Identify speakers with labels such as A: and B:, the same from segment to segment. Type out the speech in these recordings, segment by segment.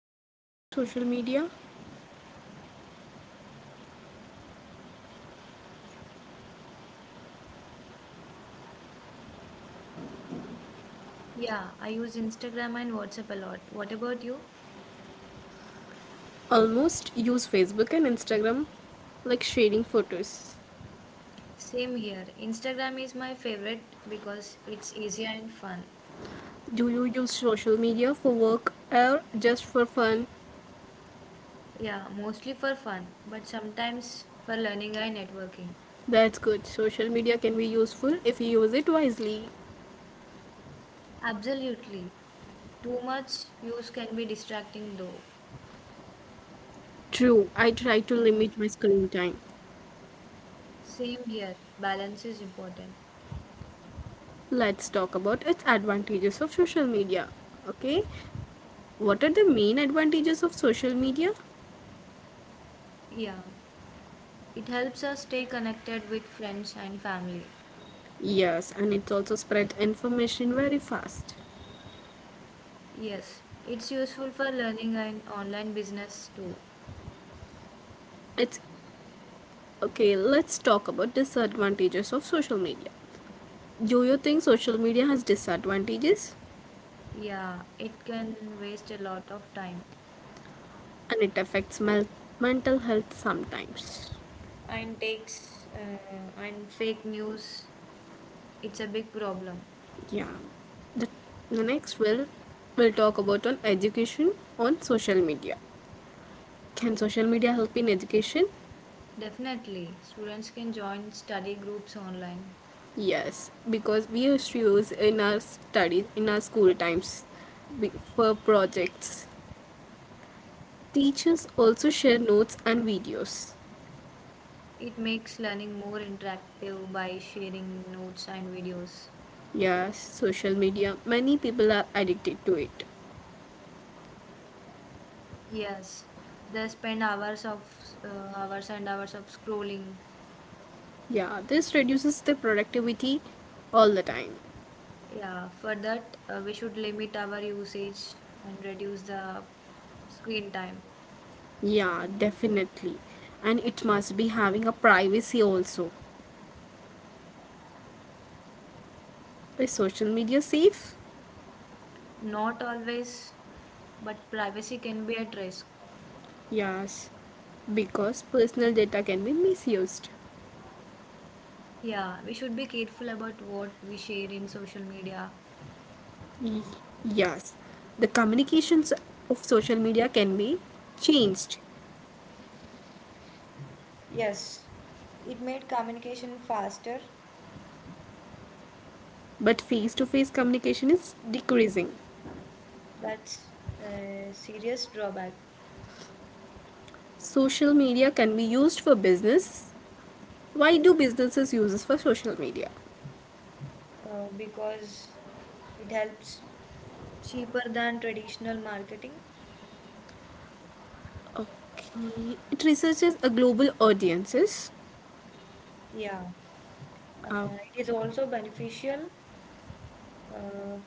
A: Are you active on social media?
B: Yeah, I use Instagram and WhatsApp a lot. What about you?
A: Almost use Facebook and Instagram like sharing photos.
B: Same here. Instagram is my favorite because it's easier and fun.
A: Do you use social media for work or just for fun?
B: Yeah, mostly for fun, but sometimes for learning and networking.
A: That's good. Social media can be useful if you use it wisely.
B: Absolutely. Too much use can be distracting though.
A: True, I try to limit my screen time.
B: Same here. Balance is important.
A: Let's talk about its advantages of social media. Okay, what are the main advantages of social media?
B: Yeah, it helps us stay connected with friends and family.
A: Yes, and it also spread information very fast.
B: Yes, it's useful for learning and online business too.
A: It's okay, let's talk about disadvantages of social media. Do you think social media has disadvantages
B: Yeah, it can waste a lot of time
A: and it affects mental health sometimes?
B: and takes and fake news. It's a big problem.
A: Yeah. The, the next will we'll talk about on education on social media. Can social media help in education?
B: Definitely, students can join study groups online.
A: Yes, because we used to use in our studies in our school times for projects. Teachers also share notes and videos.
B: It makes learning more interactive by sharing notes and videos.
A: Yes, social media. Many people are addicted to it.
B: Yes, they spend hours of hours and hours of scrolling.
A: Yeah, this reduces the productivity all the time.
B: Yeah, for that we should limit our usage and reduce the screen time.
A: Yeah, definitely. And it must be having a privacy also. Is social media safe?
B: Not always, but privacy can be at risk.
A: Yes, because personal data can be misused.
B: Yeah, we should be careful about what we share in social media.
A: Y- Yes, the communications of social media can be changed,
B: Yes, it made communication faster.
A: but face to face communication is decreasing.
B: That's a serious drawback.
A: Social media can be used for business. Why do businesses use this for social media?
B: Because it helps cheaper than traditional marketing.
A: Okay, it researches a global audiences.
B: Yeah, uh,
A: Uh,
B: it is also beneficial. Uh,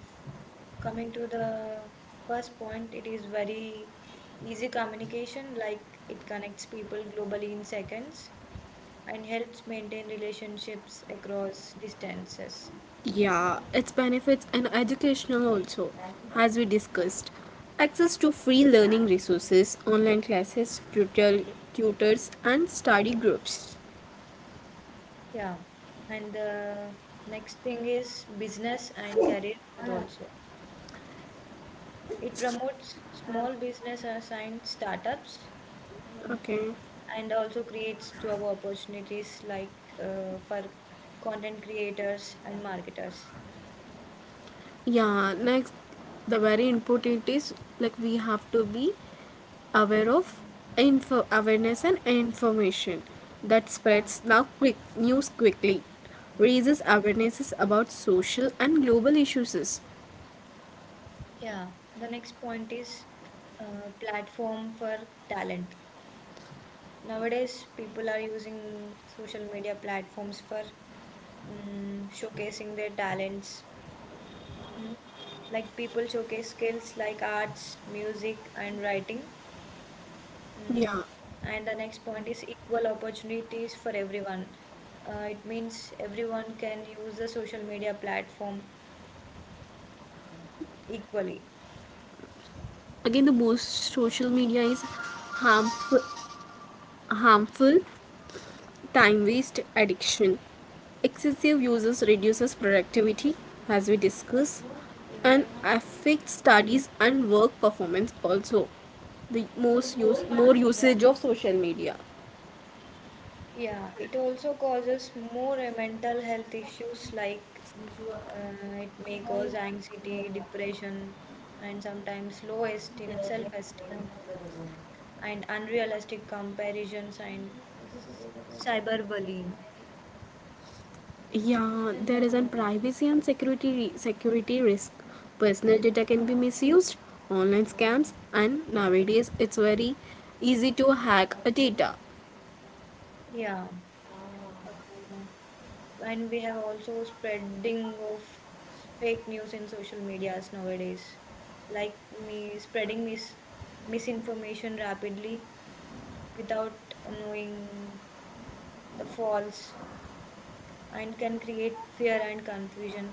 B: Coming to the first point, it is very easy communication, like it connects people globally in seconds, and helps maintain relationships across distances.
A: yeah, its benefits and educational also, as we discussed. Access to free learning resources, online classes, tutors, and study groups.
B: Yeah, and the next thing is business and career growth also. It promotes small business and startups
A: Okay.
B: and also creates job opportunities like, for content creators and marketers.
A: Yeah, next, the very important is like we have to be aware of info awareness and information that spreads now quick news quickly raises awarenesses about social and global issues.
B: Yeah, the next point is platform for talent. Nowadays, people are using social media platforms for showcasing their talents. Hmm. Like people showcase skills like arts, music, and writing. Mm,
A: Yeah,
B: and the next point is equal opportunities for everyone. It means everyone can use the social media platform equally.
A: again, the most social media is harmful, harmful. Time waste addiction. Excessive uses reduces productivity, as we discussed, and affects studies and work performance also. The most use more usage of social media.
B: Yeah, it also causes more mental health issues like, it may cause anxiety, depression, and sometimes low esteem, self-esteem, and unrealistic comparisons and cyberbullying.
A: Yeah, there is a privacy and security risk. Personal data can be misused, online scams, and nowadays it's very easy to hack a data.
B: Yeah, uh, and we have also spreading of fake news in social medias nowadays, like me spreading misinformation rapidly without knowing the false, and can create fear and confusion.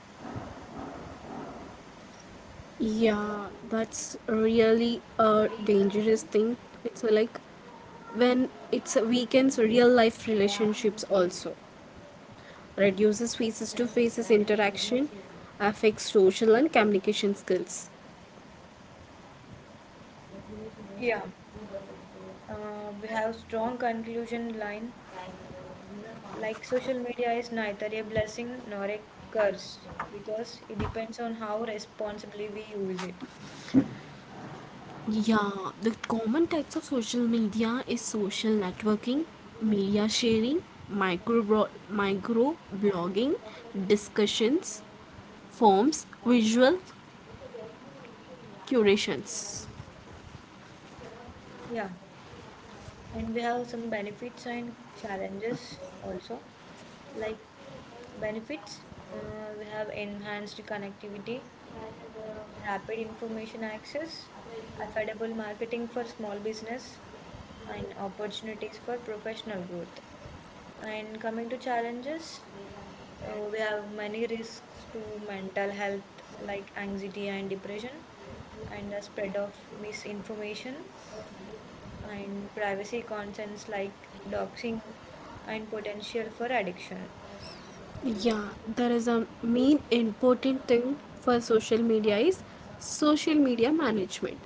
A: Yeah, that's really a dangerous thing. It's like when it's weakens real life relationships, also reduces faces to faces interaction, affects social and communication skills.
B: Yeah, we have strong conclusion line. Like social media is neither a blessing nor a curse, because it depends on how responsibly we use it.
A: Yeah, the common types of social media is social networking, media sharing, micro blogging, discussions, forms, visual curations.
B: Yeah, and we have some benefits and challenges also. Like benefits, we have enhanced connectivity, rapid information access, affordable marketing for small business, and opportunities for professional growth. And coming to challenges, we have many risks to mental health like anxiety and depression, and the spread of misinformation, and privacy concerns like doxing and potential for addiction.
A: Yeah, there is a main important thing for social media is social media management,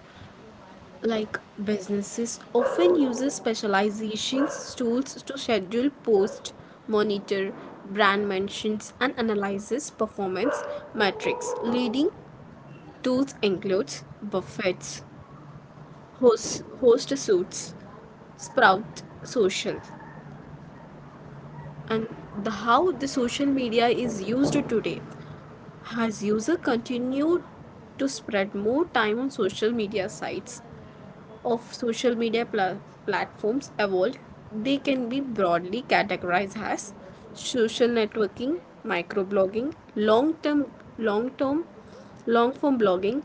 A: like businesses often uses specializations tools to schedule post, monitor brand mentions, and analyzes performance metrics. Leading tools includes buffets, host suits, sprout social, and the how the social media is used today has user continued to spend more time on social media sites of social media platforms evolved, they can be broadly categorized as social networking, microblogging, long-term, long-form blogging,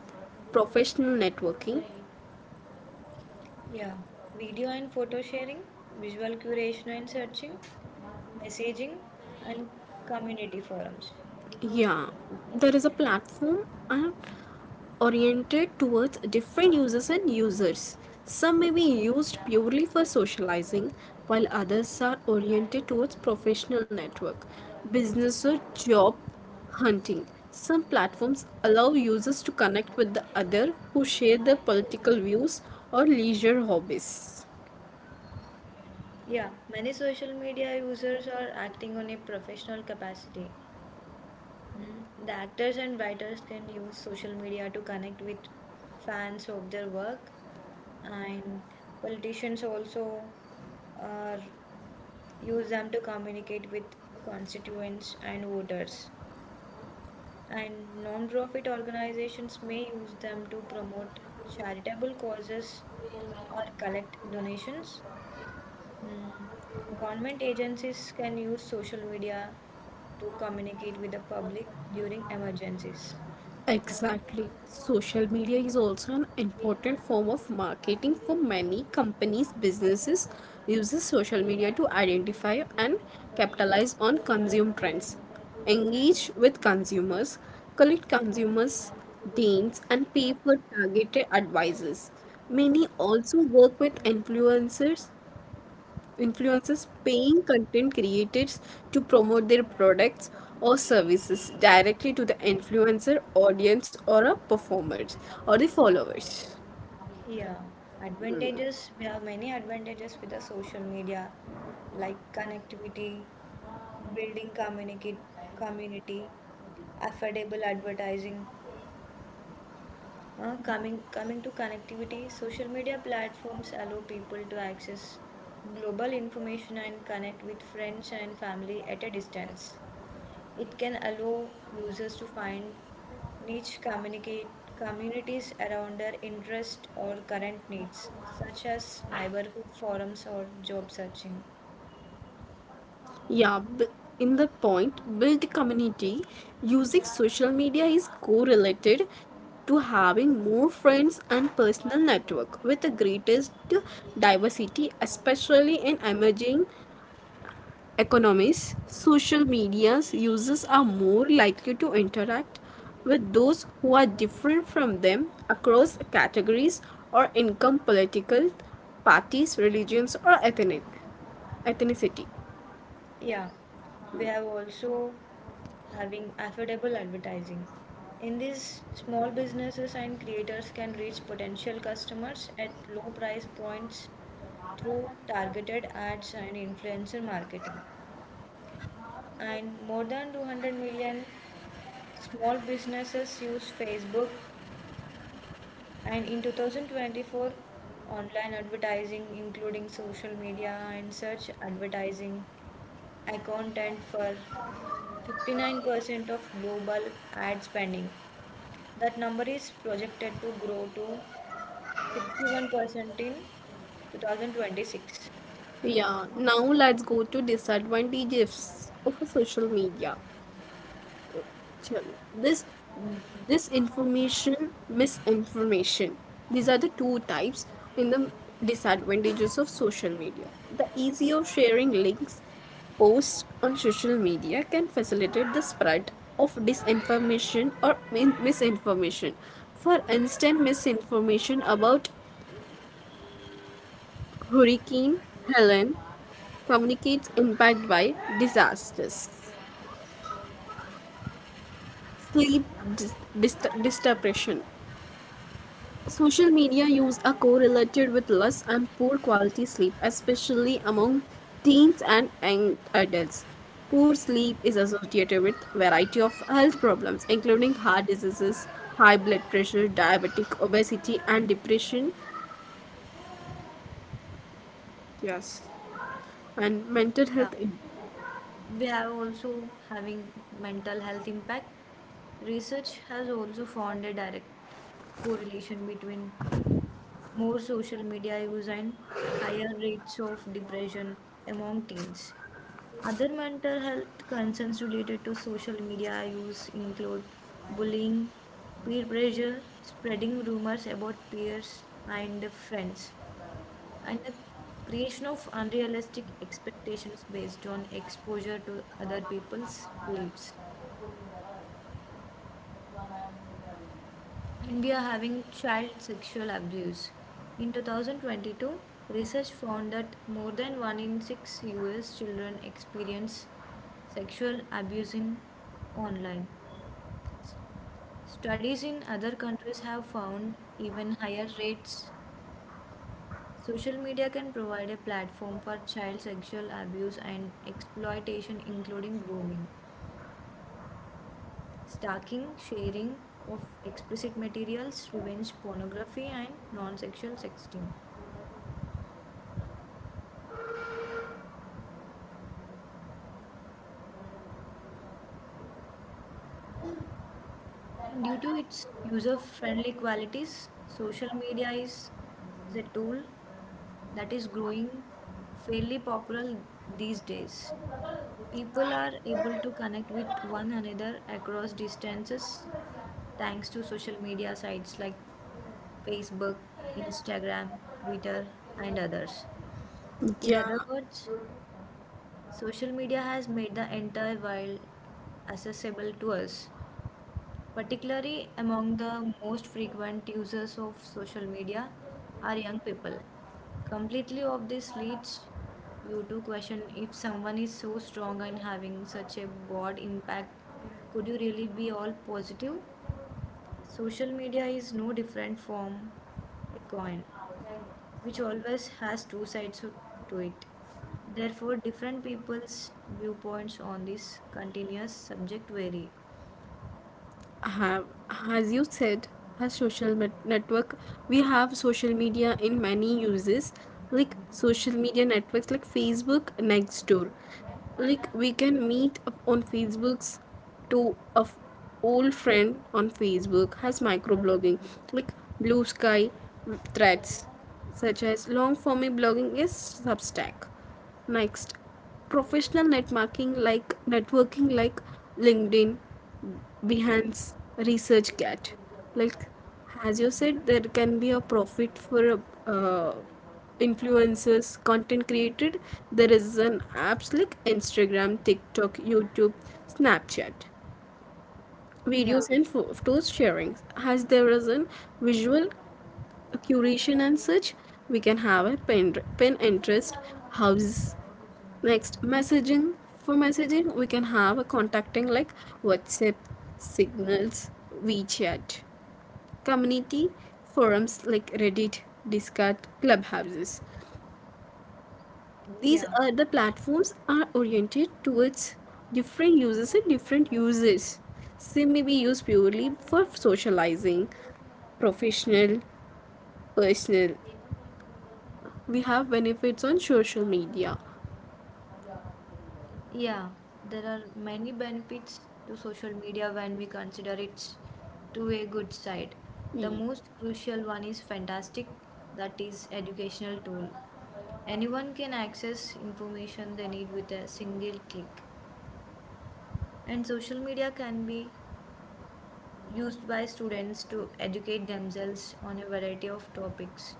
A: professional networking.
B: Yeah, video and photo sharing, visual curation and searching, messaging, and community forums.
A: Yeah, there is a platform and oriented towards different users and users. Some may be used purely for socializing, while others are oriented towards professional network, business or job hunting. Some platforms allow users to connect with the other who share their political views or leisure hobbies.
B: Yeah, many social media users are acting on a professional capacity. Hmm. The actors and writers can use social media to connect with fans of their work, and politicians also uh, use them to communicate with constituents and voters. And non-profit organizations may use them to promote charitable causes or collect donations. Mm. Government agencies can use social media to communicate with the public during emergencies.
A: Exactly. Social media is also an important form of marketing for many companies. Businesses uses social media to identify and capitalize on consumer trends, engage with consumers, collect consumers' demands, and pay for targeted advices. Many also work with influencers. Influencers paying content creators to promote their products or services directly to the influencer audience or a performers or the followers.
B: Yeah, advantages. We have many advantages with the social media, like connectivity, building communicate community, affordable advertising. Coming to connectivity, social media platforms allow people to access global information and connect with friends and family at a distance. It can allow users to find niche communicate communities around their interest or current needs, such as neighborhood forums or job searching.
A: Yeah, b- in the point, build community using social media is correlated to having more friends and personal network with the greatest diversity, especially in emerging economies. Social media's users are more likely to interact with those who are different from them across categories or income, political parties, religions, or ethnicity.
B: Yeah, we have also having affordable advertising. In these small businesses and creators can reach potential customers at low price points through targeted ads and influencer marketing. And more than 200 million small businesses use Facebook. And in 2024, online advertising, including social media and search advertising, accounted for 59% of global ad spending. That number is projected to grow to 61% in 2026.
A: Yeah, now let's go to disadvantages of a social media. Chalo. This this information, misinformation. These are the two types in the disadvantages of social media. The ease of sharing links posts on social media can facilitate the spread of disinformation or misinformation. For instance, misinformation about Hurricane Helen communicates impact by disasters, sleep disturbation. Social media use are correlated with less and poor quality sleep, especially among teens and young adults. Poor sleep is associated with variety of health problems, including heart diseases, high blood pressure, diabetic, obesity, and depression. Yes. And mental health.
B: We have also having mental health impact. Research has also found a direct correlation between more social media use and higher rates of depression among teens. Other mental health concerns related to social media use include bullying, peer pressure, spreading rumors about peers and friends, and the creation of unrealistic expectations based on exposure to other people's lives. And we are having child sexual abuse. In 2022, research found that more than 1 in 6 US children experience sexual abuse in online. Studies in other countries have found even higher rates. Social media can provide a platform for child sexual abuse and exploitation, including grooming, stalking, sharing of explicit materials, revenge pornography, and non sexual sexting. Due to its user-friendly qualities, social media is a tool that is growing fairly popular these days. People are able to connect with one another across distances thanks to social media sites like Facebook, Instagram, Twitter, and others. In
A: Yeah,
B: other words, social media has made the entire world accessible to us. Particularly among the most frequent users of social media are young people. Completely of this leads you to question if someone is so strong in having such a broad impact, could you really be all positive? Social media is no different from a coin, which always has two sides to it. Therefore, different people's viewpoints on this continuous subject vary.
A: have, as you said, has network, we have social media in many uses, like social media networks like Facebook, Nextdoor. Like we can meet up on Facebook's to old friend on Facebook, has microblogging like blue sky threads, such as long forming blogging is Substack. Next, professional networking like LinkedIn, Behance, ResearchGate. Like as you said, there can be a profit for uh, influencers, content created. There is an apps like Instagram, TikTok, YouTube, Snapchat,
B: Yeah,
A: videos and photos sharing, has there is a visual curation, and such we can have a pen interest house. Next messaging, for messaging we can have a contacting like WhatsApp, signals, WeChat, community forums like Reddit, Discord, clubhouses. These
B: yeah.
A: are the platforms are oriented towards different users and different uses. Sim may be used purely for socializing, professional, personal. We have benefits on social media.
B: Yeah, there are many benefits to social media when we consider its two-way good side. The most crucial one is fantastic, that is educational tool. Anyone can access information they need with a single click. And social media can be used by students to educate themselves on a variety of topics.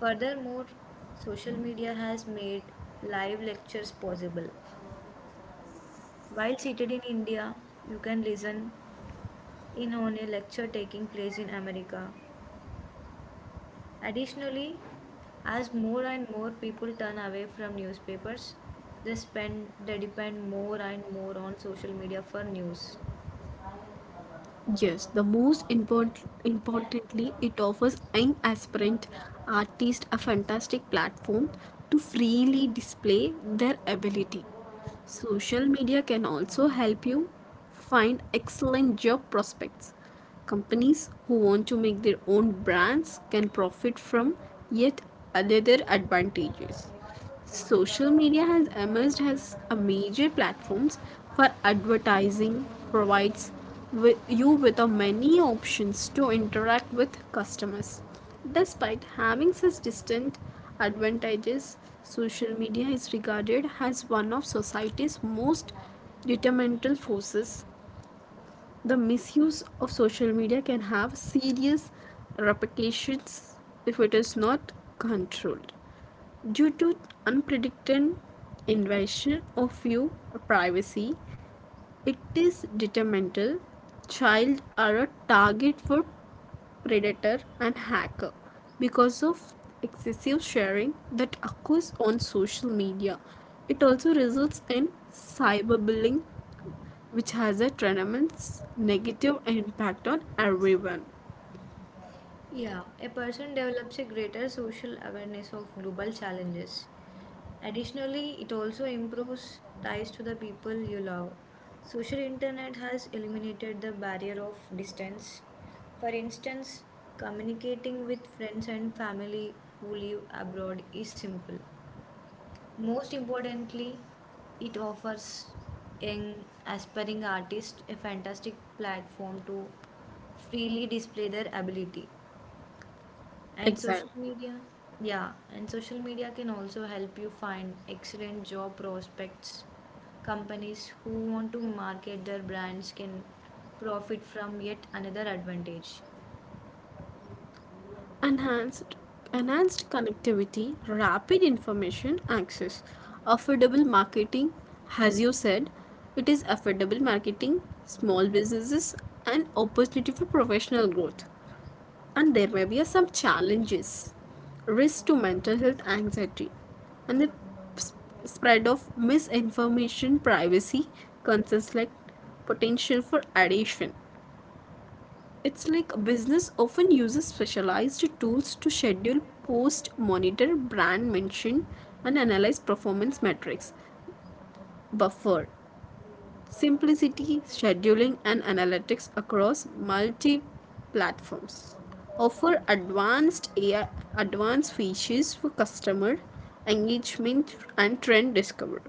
B: Furthermore, social media has made live lectures possible. While seated in India, you can listen in on a lecture taking place in America. Additionally, as more and more people turn away from newspapers, they depend more and more on social media for news.
A: Yes, the most importantly, it offers young aspirant artists a fantastic platform to freely display their ability. Social media can also help you find excellent job prospects. Companies who want to make their own brands can profit from yet another advantages. Social media has emerged as a major platforms for advertising, provides with you with a many options to interact with customers. Despite having such distinct advantages, social media is regarded as one of society's most detrimental forces. The misuse of social media can have serious repercussions if it is not controlled. Due to unpredicted invasion of your privacy, it is detrimental. Child are a target for predator and hacker because of excessive sharing that occurs on social media. It also results in cyberbullying, which has a tremendous negative impact on everyone.
B: Yeah, a person develops a greater social awareness of global challenges. Additionally, it also improves ties to the people you love. Social internet has eliminated the barrier of distance. For instance, communicating with friends and family who live abroad is simple. Most importantly, it offers young aspiring artists a fantastic platform to freely display their ability. And social
A: Exactly.
B: media, yeah, and social media can also help you find excellent job prospects. Companies who want to market their brands can profit from yet another advantage.
A: Enhanced, enhanced connectivity, rapid information access, affordable marketing, as you said, it is affordable marketing, small businesses, and opportunity for professional growth. And there may be some challenges, risk to mental health anxiety, and the spread of misinformation, privacy concerns like potential for addiction. It's like a business often uses specialized tools to schedule post, monitor brand mention, and analyze performance metrics. Buffer simplicity, scheduling, and analytics across multi platforms. Offer advanced AI, advanced features for customer engagement and trend discovery.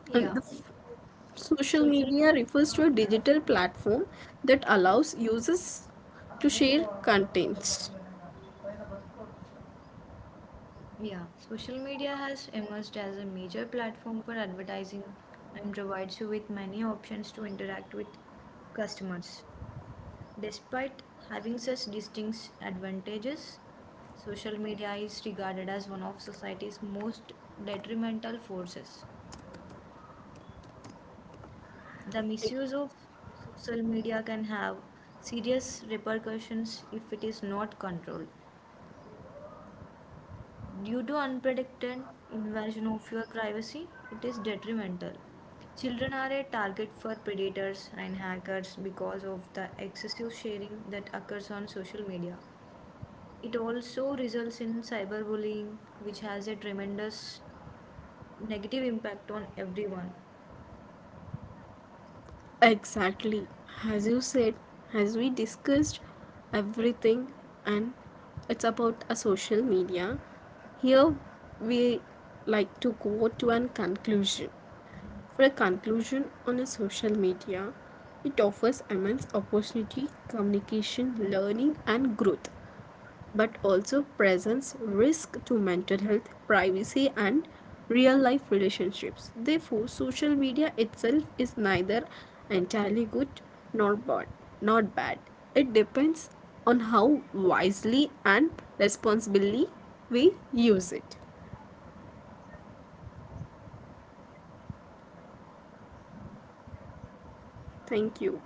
B: Yeah,
A: And the social
B: social
A: media refers to a digital platform that allows users to share contents.
B: yeah, social media has emerged as a major platform for advertising and provides you with many options to interact with customers. Despite having such distinct advantages, social media is regarded as one of society's most detrimental forces. The misuse of social media can have serious repercussions if it is not controlled. Due to unprotected invasion of your privacy, it is detrimental. Children are a target for predators and hackers because of the excessive sharing that occurs on social media. It also results in cyberbullying, which has a tremendous negative impact on everyone.
A: Exactly. As you said, as we discussed everything, and it's about a social media. Here we like to go to an conclusion. For a conclusion on a social media, it offers immense opportunity, communication, learning, and growth, but also presents risk to mental health, privacy, and real life relationships. Therefore, social media itself is neither entirely good nor bad. Not bad. It depends on how wisely and responsibly we use it. Thank you.